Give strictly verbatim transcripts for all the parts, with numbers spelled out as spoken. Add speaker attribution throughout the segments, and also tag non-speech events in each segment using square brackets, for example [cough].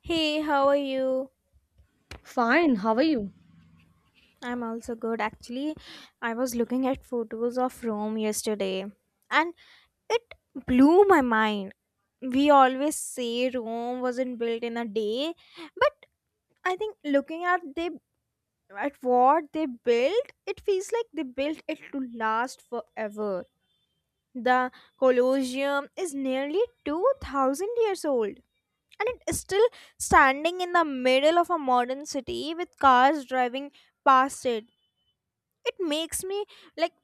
Speaker 1: Hey, how are you?
Speaker 2: Fine, how are you?
Speaker 1: I'm also good. Actually, I was looking at photos of Rome yesterday and it blew my mind. We always say Rome wasn't built in a day, but I think looking at they at what they built, it feels like they built it to last forever. The Colosseum is nearly two thousand years old and it is still standing in the middle of a modern city with cars driving past it. It makes me, like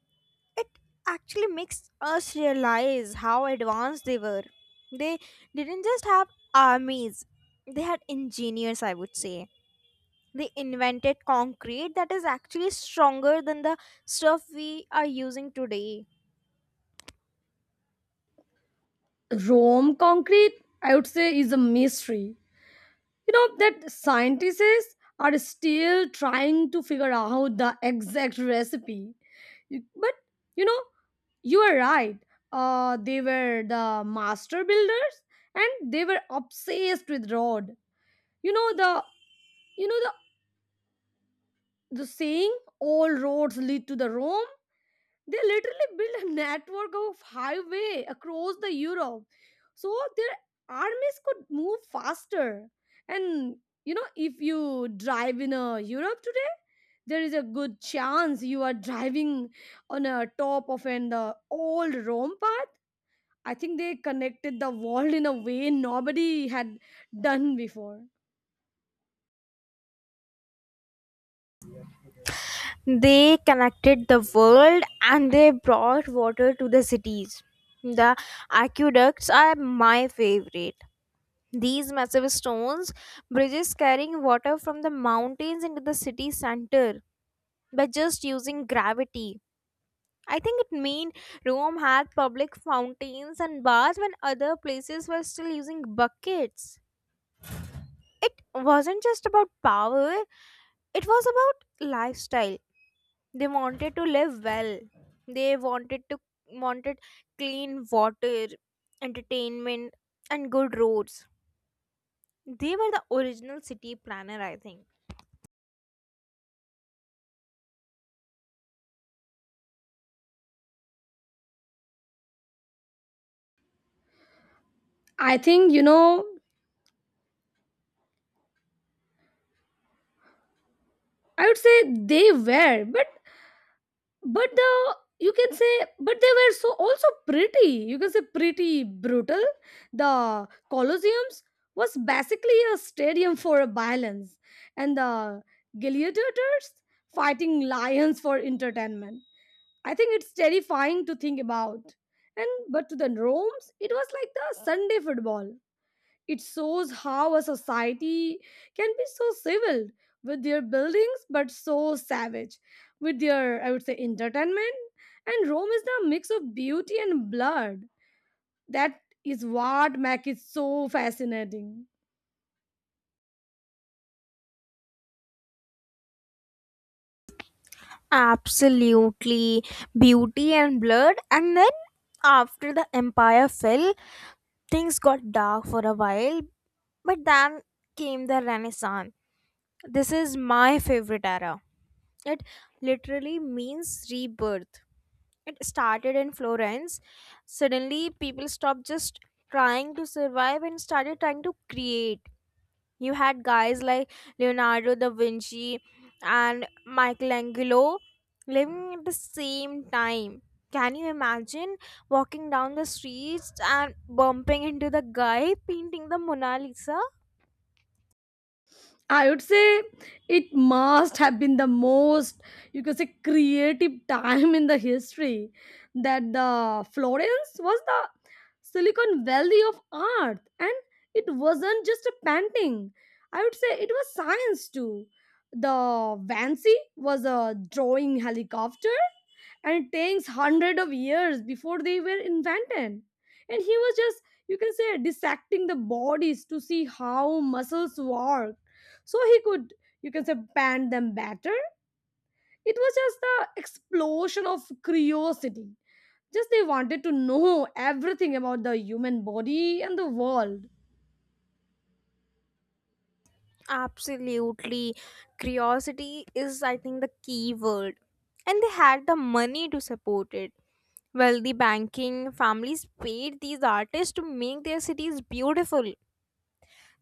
Speaker 1: it actually makes us realize how advanced they were. They didn't just have armies, they had engineers, I would say. They invented concrete that is actually stronger than the stuff we are using today.
Speaker 2: Rome concrete, I would say, is a mystery. You know, that scientists are still trying to figure out the exact recipe. You- But, you know, you are right. Uh, they were the master builders and they were obsessed with road. You know the you know the the saying all roads lead to the Rome? They literally built a network of highway across the Europe, so their armies could move faster. And you know, if you drive in uh, Europe today, there is a good chance you are driving on a top of an uh, old Rome path. I think they connected the world in a way nobody had done before.
Speaker 1: They connected the world and they brought water to the cities. The aqueducts are my favorite. These massive stones bridges carrying water from the mountains into the city center by just using gravity. I think it mean Rome had public fountains and baths when other places were still using buckets. It wasn't just about power, it was about lifestyle. They wanted to live well. They wanted to wanted clean water, entertainment, and good roads. They were the original city planner, I think.
Speaker 2: I think, you know, I would say they were, but But the you can say, but they were so also pretty. You can say pretty brutal. The Colosseums was basically a stadium for violence, and the gladiators fighting lions for entertainment. I think it's terrifying to think about. And but to the Rome's, it was like the Sunday football. It shows how a society can be so civil with their buildings but so savage with their, I would say, entertainment. And Rome is the mix of beauty and blood. That is what makes it so fascinating.
Speaker 1: Absolutely. Beauty and blood. And then after the empire fell, things got dark for a while, but then came the Renaissance. This is my favorite era. It literally means rebirth. It started in Florence. Suddenly, people stopped just trying to survive and started trying to create. You had guys like Leonardo da Vinci and Michelangelo living at the same time. Can you imagine walking down the streets and bumping into the guy painting the Mona Lisa?
Speaker 2: I would say it must have been the most, you could say, creative time in the history, that the Florence was the Silicon Valley of art, and it wasn't just a painting. I would say it was science too. The Vancy was a drawing helicopter, and it takes hundred of years before they were invented. And he was just, you can say, dissecting the bodies to see how muscles work so he could you can say ban them better. It was just the explosion of curiosity. Just they wanted to know [laughs] everything about the human body and the world.
Speaker 1: Absolutely. Curiosity is, I think, the key word. And they had the money to support it. Wealthy banking families paid these artists to make their cities beautiful.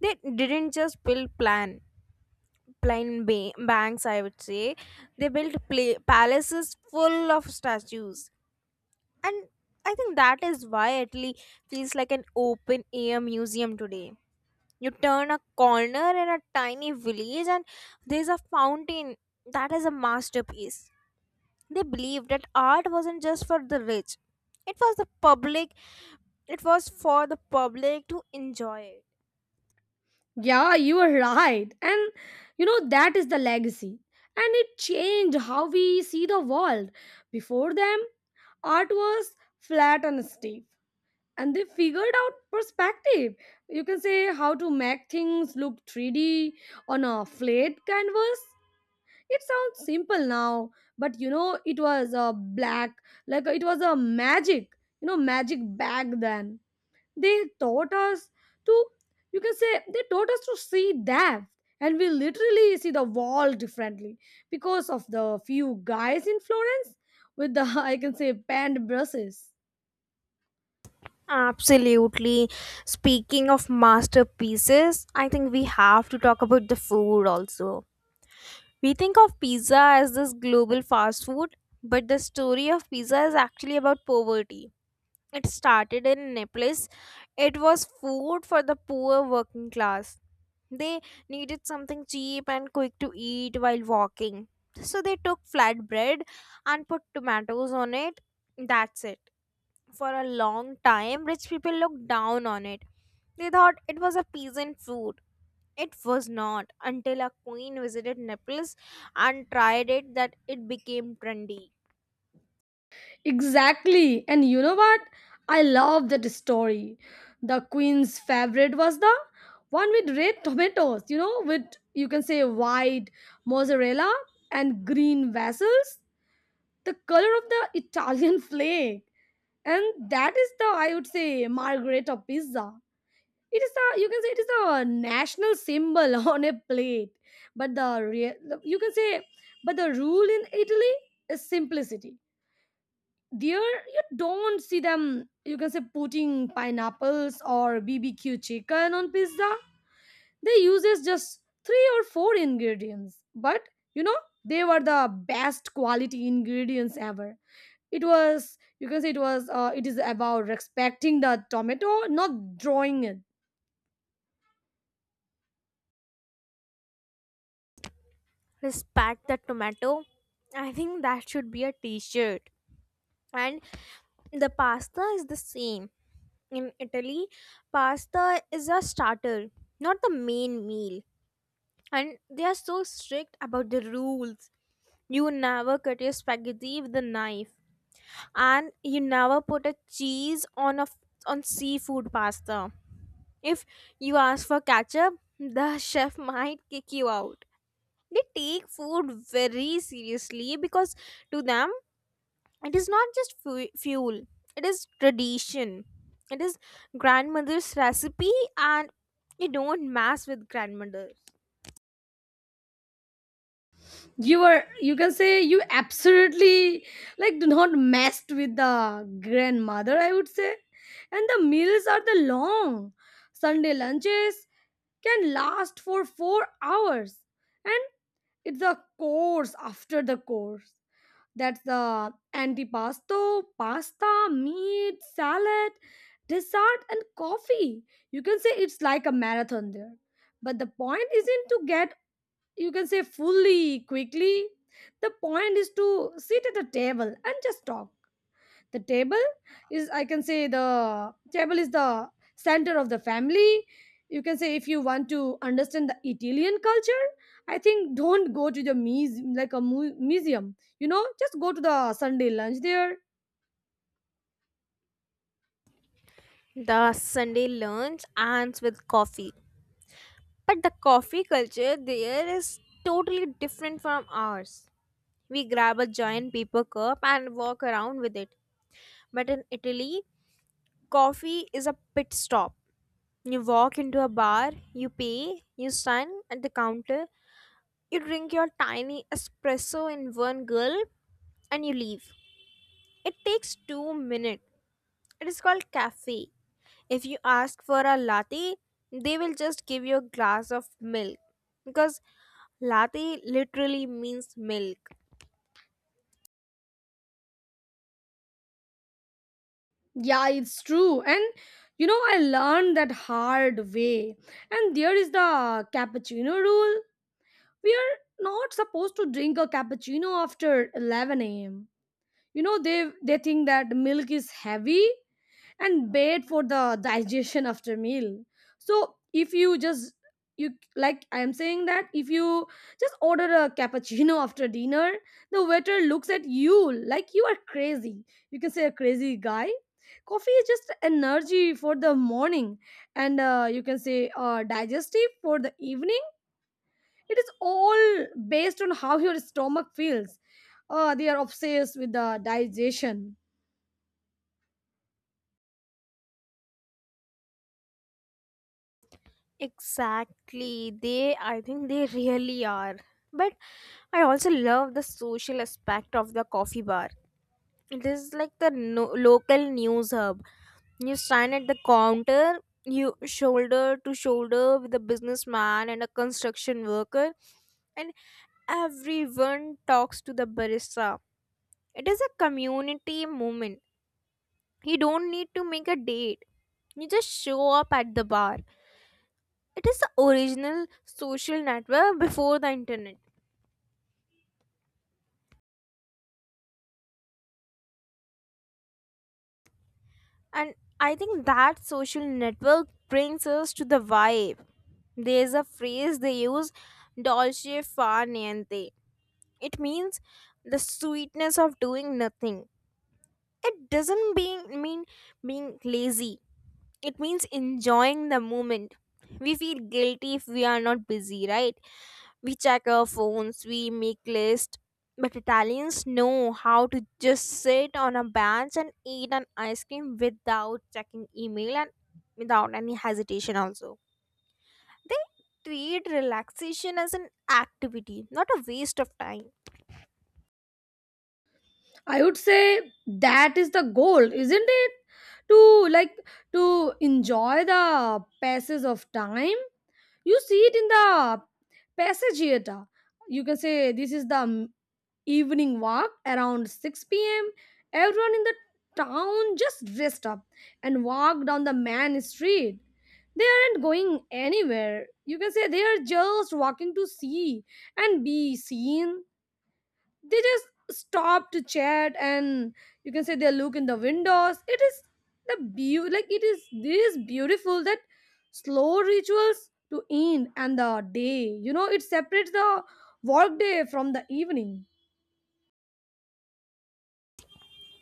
Speaker 1: They didn't just build plan Plain ba- banks, I would say. They built pla- palaces full of statues. And I think that is why Italy feels like an open air museum today. You turn a corner in a tiny village and there's a fountain that is a masterpiece. They believed that art wasn't just for the rich, it was the public it was for the public to enjoy.
Speaker 2: Yeah, you are right. And you know that is the legacy, and it changed how we see the world. Before them, art was flat and stiff, and they figured out perspective. You can say how to make things look three d on a flat canvas. It sounds simple now, but you know, it was a black, like it was a magic, you know, magic back then. They taught us to, you can say, they taught us to see depth, and we literally see the wall differently because of the few guys in Florence with the, [laughs] I can say, panned brushes.
Speaker 1: Absolutely. Speaking of masterpieces, I think we have to talk about the food also. We think of pizza as this global fast food, but the story of pizza is actually about poverty. It started in Naples. It was food for the poor working class. They needed something cheap and quick to eat while walking. So they took flatbread and put tomatoes on it. That's it. For a long time, rich people looked down on it. They thought it was a peasant food. It was not until a queen visited Naples and tried it that it became trendy.
Speaker 2: Exactly. And you know what? I love that story. The queen's favorite was the one with red tomatoes, you know, with you can say white mozzarella and green vessels, the color of the Italian [laughs] flake. And that is the, I would say, Margherita pizza. It is a you can say, it is a national symbol [laughs] on a plate. But the, rea- you can say, but the rule in Italy is simplicity. There you don't see them you can say putting pineapples or bbq chicken on pizza. They uses just three or four ingredients, but you know, they were the best quality ingredients ever. It was you can say it was uh, it is about respecting the tomato, not drawing it.
Speaker 1: Respect the tomato. I think that should be a t shirt. And the pasta is the same. In Italy, pasta is a starter, not the main meal. And they are so strict about the rules. You never cut your spaghetti with a knife, and you never put a cheese on a f- on seafood pasta. If you ask for ketchup, the [laughs] chef might kick you out. They take food very seriously because to them it is not just fu- fuel, it is tradition. It is grandmother's recipe, and you don't mess with grandmother.
Speaker 2: You were you can say you absolutely like do not messed with the grandmother, I would say. And the meals are the long sunday lunches can last for four hours, and it's a course after the course. That's the antipasto, pasta, meat, salad, dessert and coffee. You can say it's like a marathon there, but the point isn't to get you can say fully quickly. The point is to sit at a table and just talk. The table is I can say the table is the center of the family. You can say if you want to understand the italian culture, I think don't go to the muse- like a mu- museum, you know, just go to the sunday lunch there.
Speaker 1: The Sunday lunch ends with coffee. But the coffee culture there is totally different from ours. We grab a giant paper cup and walk around with it. But in Italy, coffee is a pit stop. You walk into a bar, you pay, you stand at the counter, you drink your tiny espresso in one gulp, and you leave. It takes two minutes. It is called cafe. If you ask for a latte, they will just give you a glass of milk because latte literally means milk.
Speaker 2: Yeah, it's true. And you know I learned that hard way. And there is the cappuccino rule. We are not supposed to drink a cappuccino after eleven a.m. You know, they they think that milk is heavy and bad for the digestion after meal. So if you just you like I am saying that if you just order a cappuccino after dinner, the waiter looks at you like you are crazy. You can say a crazy guy. Coffee is just energy for the morning, and uh, you can say uh, digestive for the evening. It is all based on how your stomach feels. Uh, they are obsessed with the digestion.
Speaker 1: Exactly. They, I think they really are. But I also love the social aspect of the coffee bar. It is like the no- local news hub. You stand at the counter, you shoulder to shoulder with a businessman and a construction worker, and everyone talks to the barista. It is a community moment. You don't need to make a date. You just show up at the bar. It is the original social network before the internet. And I think that social network brings us to the vibe. There's a phrase they use, dolce far niente. It means the sweetness of doing nothing. It doesn't being, mean being lazy, it means enjoying the moment. We feel guilty if we are not busy, right? We check our phones, we make lists, but Italians know how to just sit on a bench and eat an ice cream without checking email and without any hesitation also. They treat relaxation as an activity, not a waste of time.
Speaker 2: I would say that is the goal, isn't it? To like to enjoy the passage of time. You see it in the passageata. You can say this is the m- evening walk around six p m. Everyone in the town just dressed up and walk down the main street. They aren't going anywhere. You can say they are just walking to see and be seen. They just stop to chat and you can say they look in the windows. It is the beau like it is this beautiful that slow rituals to end and the day. You know, it separates the work day from the evening.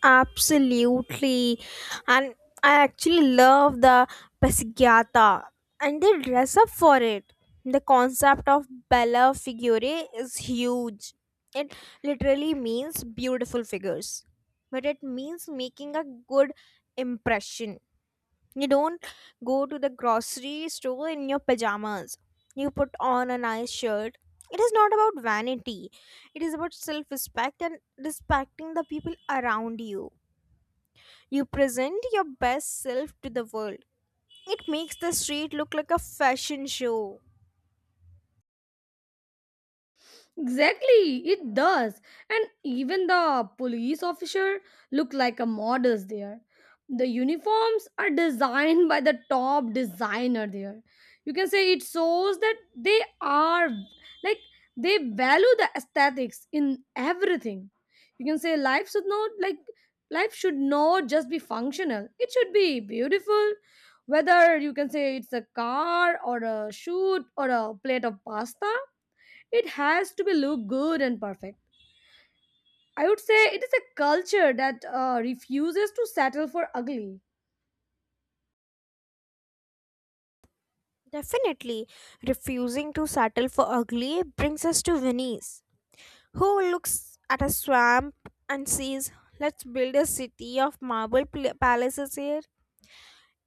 Speaker 1: Absolutely. And I actually love the Pasigyata and they dress up for it. The concept of Bella Figure is huge. It literally means beautiful figures, but it means making a good impression. You don't go to the grocery store in your pajamas, you put on a nice shirt. It is not about vanity, it is about self respect and respecting the people around you. You present your best self to the world. It makes the street look like a fashion show.
Speaker 2: Exactly, it does. And even the police officer look like a models there. The uniforms are [laughs] designed by the top designer there. You can say it shows that they are like they value the aesthetics in everything. You can say life should not like life should not just be functional. It should be beautiful. Whether you can say it's a car or a shoot or a plate of pasta, it has to be look good and perfect. I would say it is a culture that uh, refuses to settle for ugly.
Speaker 1: Definitely, refusing to settle for ugly brings us to Venice, who looks at a swamp and says, "Let's build a city of marble pl- palaces here."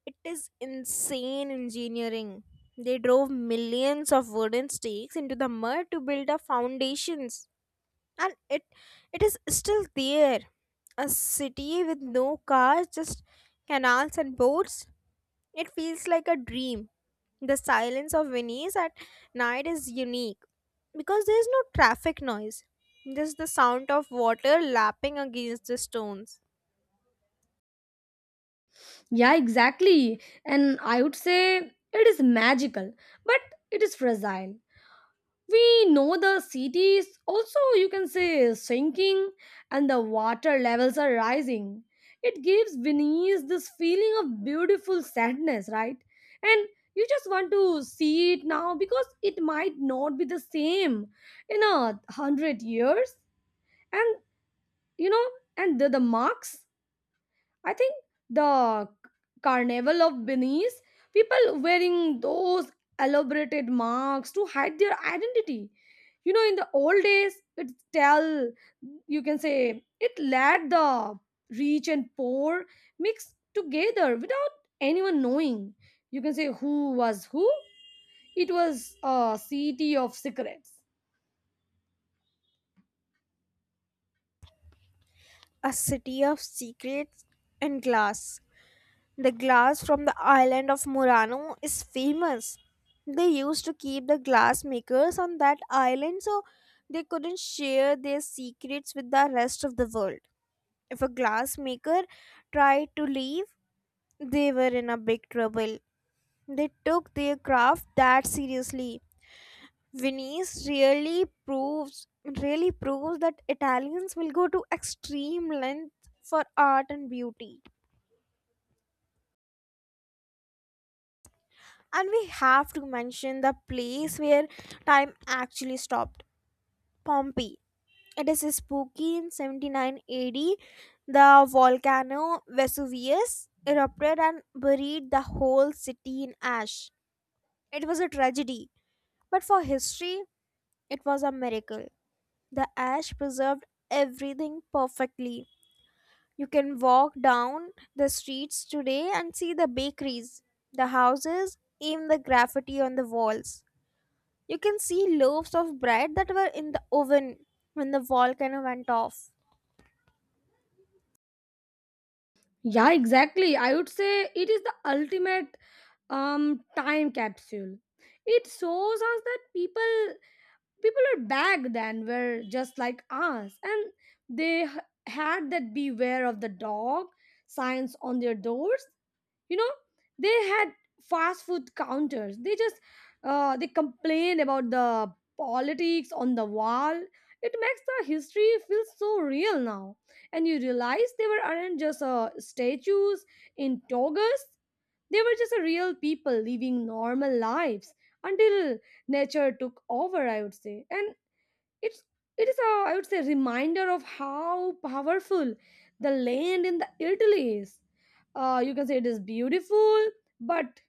Speaker 1: It is insane engineering. They drove millions of wooden stakes into the mud to build up foundations. And it it is still there, a city with no cars, just canals and boats. It feels like a dream. The silence of Venice at night is unique because there is no traffic noise, just the sound of water lapping against the stones.
Speaker 2: Yeah, exactly. And I would say it is magical, but it is fragile. We know the cities also you can say sinking, and the water levels are rising. It gives venice this feeling of beautiful sadness, right? And you just want to see it now because it might not be the same in a hundred years. And you know and the, the marks, I think, the Carnival of Venice, people wearing those elaborated marks to hide their identity. You know, in the old days, it tell you can say it let the rich and poor mix together without anyone knowing. You can say who was who. It was a city of secrets.
Speaker 1: A city of secrets and glass. The glass from the island of Murano is famous. They used to keep the glass makers on that island so they couldn't share their secrets with the rest of the world. If a glass maker tried to leave, they were in a big trouble. They took their craft that seriously. Venice really proves really proves that Italians will go to extreme lengths for art and beauty. And we have to mention the place where time actually stopped, Pompeii. It is spooky. In seventy-nine A D, the volcano Vesuvius erupted and buried the whole city in ash. It was a tragedy, but for history, it was a miracle. The ash preserved everything perfectly. You can walk down the streets today and see the bakeries, the houses, even the graffiti on the walls. You can see loaves of bread that were in the oven when the volcano went off.
Speaker 2: Yeah, exactly. I would say it is the ultimate um time capsule. It shows us that people people are back then were just like us, and they h- had that beware of the dog signs on their doors. You know, they had fast food counters, they just uh, they complain about the politics on the wall. It makes the history feel so real now, and you realize they were aren't just uh, statues in togas. They were just a real people living normal lives until nature took over, I would say. And it's it is a I would say reminder of how powerful the land in the Italy is. Uh, you can say it is beautiful, but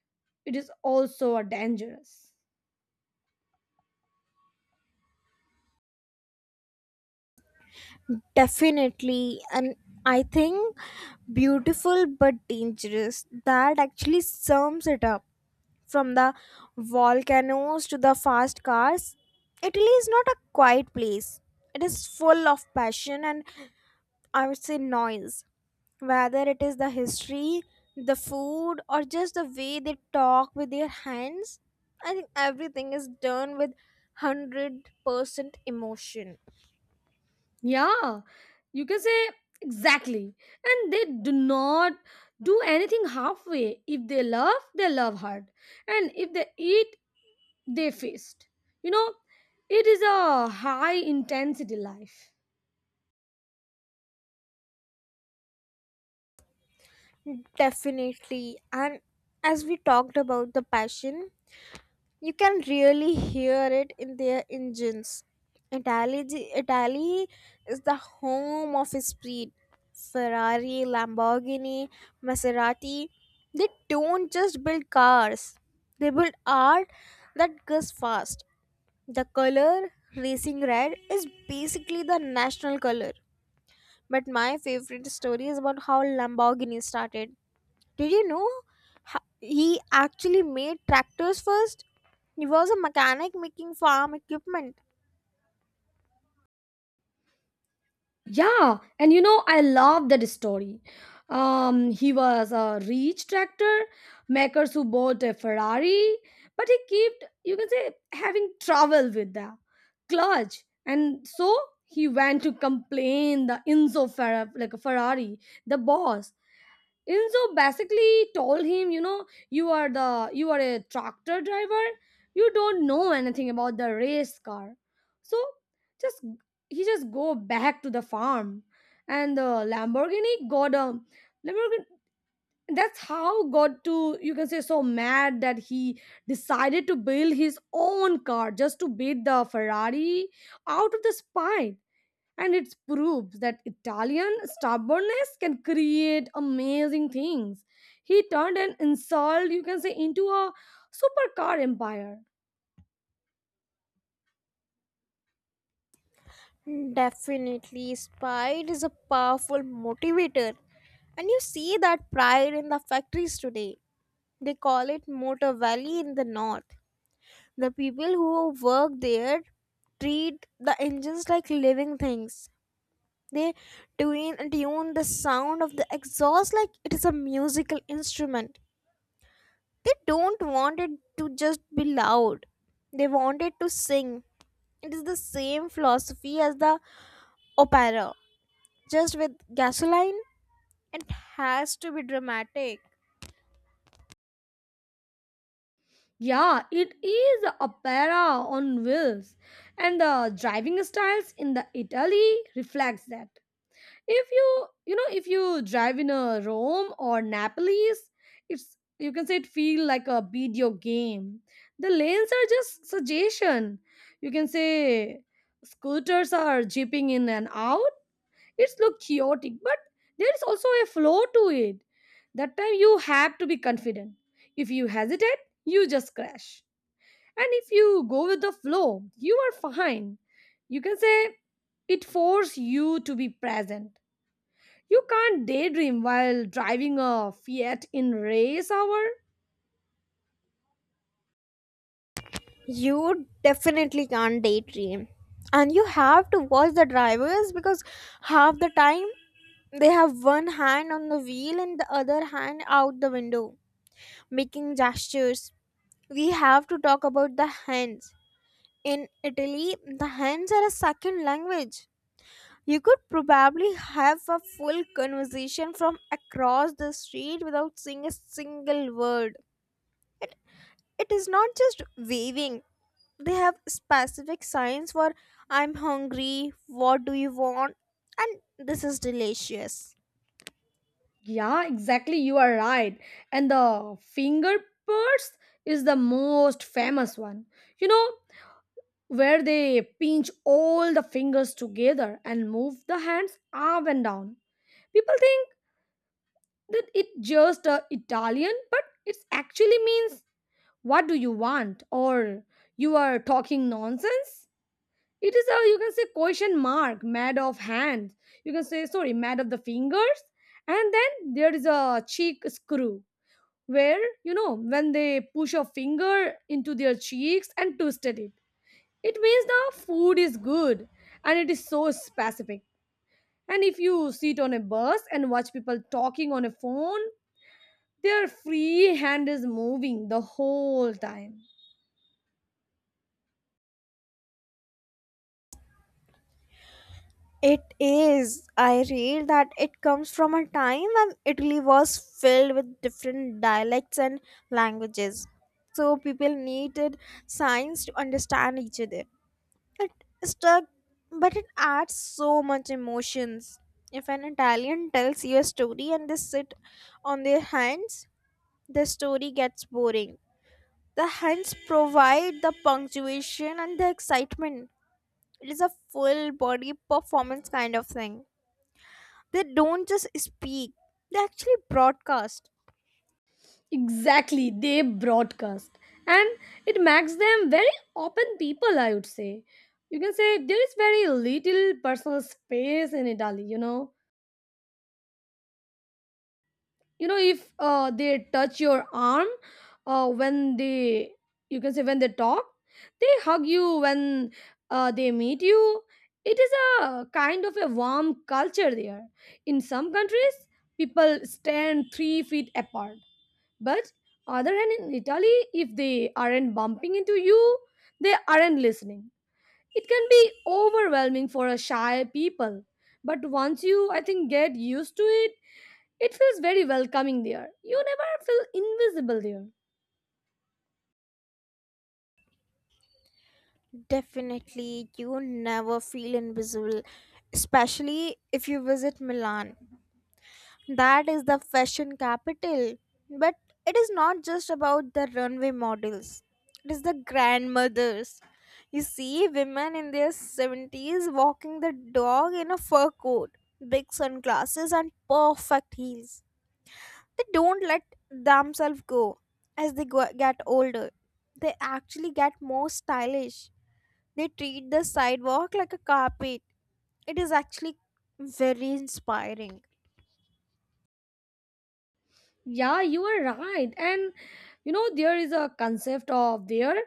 Speaker 2: it is also a dangerous.
Speaker 1: Definitely, and I think beautiful but dangerous. That actually sums it up. From the volcanoes to the fast cars, Italy is not a quiet place. It is full of passion and, I would say, noise, whether it is the history, the food, or just the way they talk with their hands. I think everything is done with one hundred percent emotion.
Speaker 2: Yeah, you can say exactly. And they do not do anything halfway. If they love, they love hard. And if they eat, they faced. You know, it is a high intensity life.
Speaker 1: Definitely. And as we talked about the passion, you can really hear it in their engines. Italy, Italy is the home of speed. Ferrari, Lamborghini, Maserati, they don't just build cars, they build art that goes fast. The color, racing red, is basically the national color. But my favorite story is about how Lamborghini started. Did you know ho- he actually made tractors first? He was a mechanic making farm equipment.
Speaker 2: Yeah, and you know, I love that story. Um, he was a rich tractor makers who bought a Ferrari, but he kept, you can say, having trouble with the clutch, and so he went to complain the Enzo Ferra- like a Ferrari, the boss, Enzo basically told him, you know, you are the you are a tractor driver. You don't know anything about the race car. So just he just go back to the farm, and the Lamborghini got a Lamborghini. That's how got to you can say so mad that he decided to build his own car just to beat the Ferrari out of the spite. And it proves that Italian stubbornness can create amazing things. He turned an insult, you can say, into a supercar empire.
Speaker 1: Definitely, pride is a powerful motivator. And you see that pride in the factories today. They call it Motor Valley in the north. The people who work there treat the engines like living things. They tune, tune the sound of the exhaust like it is a musical instrument. They don't want it to just be loud, they want it to sing. It is the same philosophy as the opera, just with gasoline. It has to be dramatic.
Speaker 2: Yeah, it is a opera on wheels, and the driving styles in the Italy reflects that. If you you know if you drive in a rome or naples, it's you can say it feel like a video game. The lanes are just suggestion, you can say. Scooters are jeeping in and out. It's look chaotic, but there is also a flow to it. That time you have to be confident. If you hesitate you just crash, and if you go with the flow you are fine. You can say it force you to be present. You can't daydream while driving a Fiat in race hour.
Speaker 1: You definitely can't daydream. And you have to watch the drivers because half the time they have one hand on the wheel and the other hand out the window, making gestures. We have to talk about the hands. In Italy, the hands are a second language. You could probably have a full conversation from across the street without saying a single word. It is not just waving, they have specific signs for "I'm hungry," "what do you want," and "this is delicious."
Speaker 2: Yeah, exactly. You are right. And the finger purse is the most famous one. You know, where they pinch all the fingers together and move the hands up and down. People think that it just uh, Italian, but it actually means what do you want or you are talking nonsense. It is a you can say question mark, mad of hands. You can say sorry, mad of the fingers. And then there is a cheek screw where you know when they push a finger into their cheeks and twisted it. It means the food is good and it is so specific. And if you sit on a bus and watch people talking on a phone, their free hand is moving the whole time.
Speaker 1: It is. I read that it comes from a time when Italy was filled with different dialects and languages. So people needed signs to understand each other. It stuck, but it adds so much emotions. If an Italian tells you a story and they sit on their hands, the story gets boring. The hands provide the punctuation and the excitement. It is a full body performance kind of thing. They don't just speak, they actually broadcast.
Speaker 2: Exactly, they broadcast. And it makes them very open people, I would say. You can say there is very little personal space in Italy, you know. You know, if uh, they touch your arm uh, when they, you can say when they talk, they hug you when uh, they meet you. It is a kind of a warm culture there. In some countries, people stand three feet apart. But other hand in Italy, if they aren't bumping into you, they aren't listening. It can be overwhelming for a shy people. But once you I think get used to it, it feels very welcoming there. You never feel invisible there.
Speaker 1: Definitely, you never feel invisible, especially if you visit Milan. That is the fashion capital. But it is not just about the runway models, it is the grandmothers. You see women in their seventies walking the dog in a fur coat, big sunglasses, and perfect heels. They don't let themselves go as they go- get older. They actually get more stylish. They treat the sidewalk like a carpet. It is actually very inspiring.
Speaker 2: Yeah, you are right. And you know there is a concept of their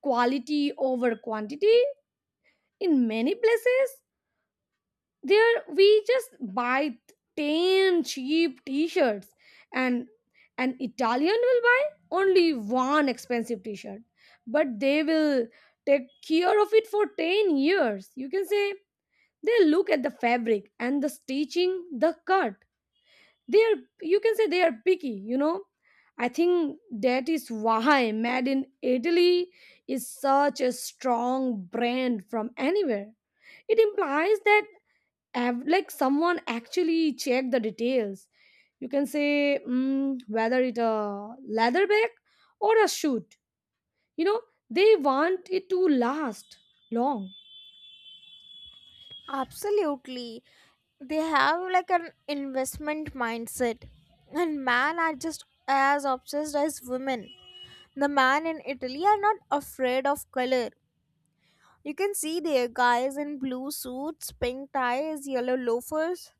Speaker 2: quality over quantity. In many places there we just buy ten cheap t-shirts, and an italian will buy only one expensive t-shirt, but they will take care of it for ten years, you can say. They look at the fabric and the stitching the cut. They are you can say they are picky, you know. I think that is why made in italy is such a strong brand from anywhere. It implies that Av- like someone actually check the details, you can say, mm, whether it a leather bag or a shoot, you know, they want it to last long.
Speaker 1: Absolutely. They have like an investment mindset. And men are just as obsessed as women. The men in Italy are not afraid of color. You can see their guys in blue suits, pink ties, yellow loafers,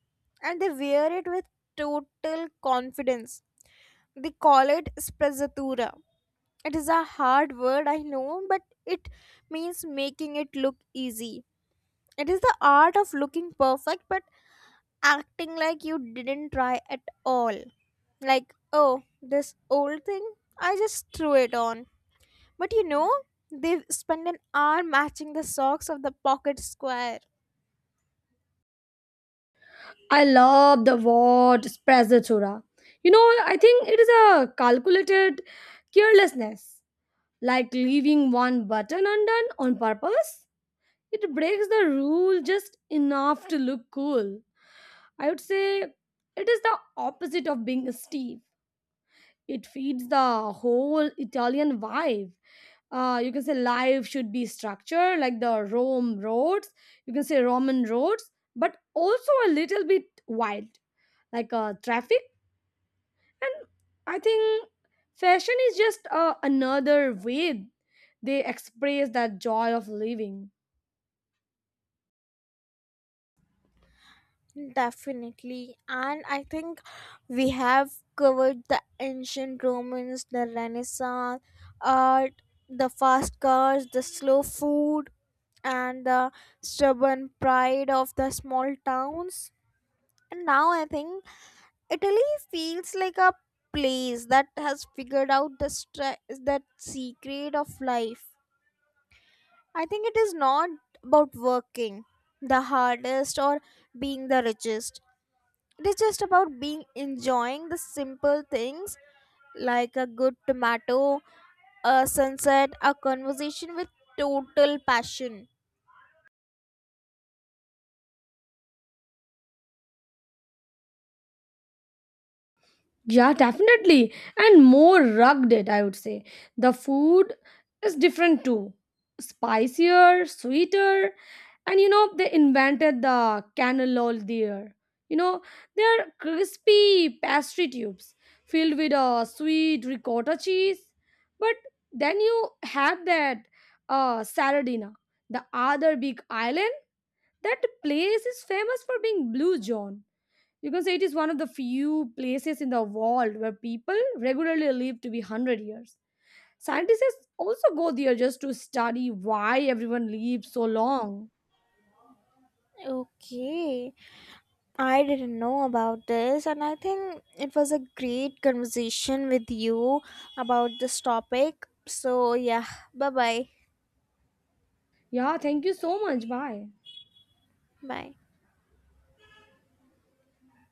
Speaker 1: and they wear it with total confidence. They call it sprezzatura. It is a hard word, I know, but it means making it look easy. It is the art of looking perfect but acting like you didn't try at all. Like, oh, this old thing, I just threw it on. But you know, they spend an hour matching the socks of the pocket square.
Speaker 2: I love the word sprezzatura. You know, I think it is a calculated carelessness, like leaving one button undone on purpose. It breaks the rule just enough to look cool, I would say. It is the opposite of being stiff. It feeds the whole Italian vibe. Uh, you can say life should be structured like the Rome roads. You can say Roman roads, but also a little bit wild, like uh, traffic. And I think fashion is just uh, another way they express that joy of living.
Speaker 1: Definitely. And I think we have covered the ancient Romans, the Renaissance art, the fast cars, the slow food, and the stubborn pride of the small towns. And now I think Italy feels like a place that has figured out the stre- that secret of life. I think it is not about working the hardest or being the richest, it is just about being enjoying the simple things, like a good tomato, a sunset, a conversation with total passion.
Speaker 2: Yeah, definitely. And more rugged, I would say. The food is different too. Spicier, sweeter. And you know, they invented the cannellol there. You know, they're crispy pastry tubes filled with a sweet ricotta cheese. But then you have that uh, Saradina, the other big island. That place is famous for being blue John. You can say it is one of the few places in the world where people regularly live to be one hundred years. Scientists also go there just to study why everyone lives so long.
Speaker 1: Okay, I didn't know about this, and I think it was a great conversation with you about this topic. So, yeah, Bye. Bye
Speaker 2: Yeah, thank you so much. Bye.
Speaker 1: bye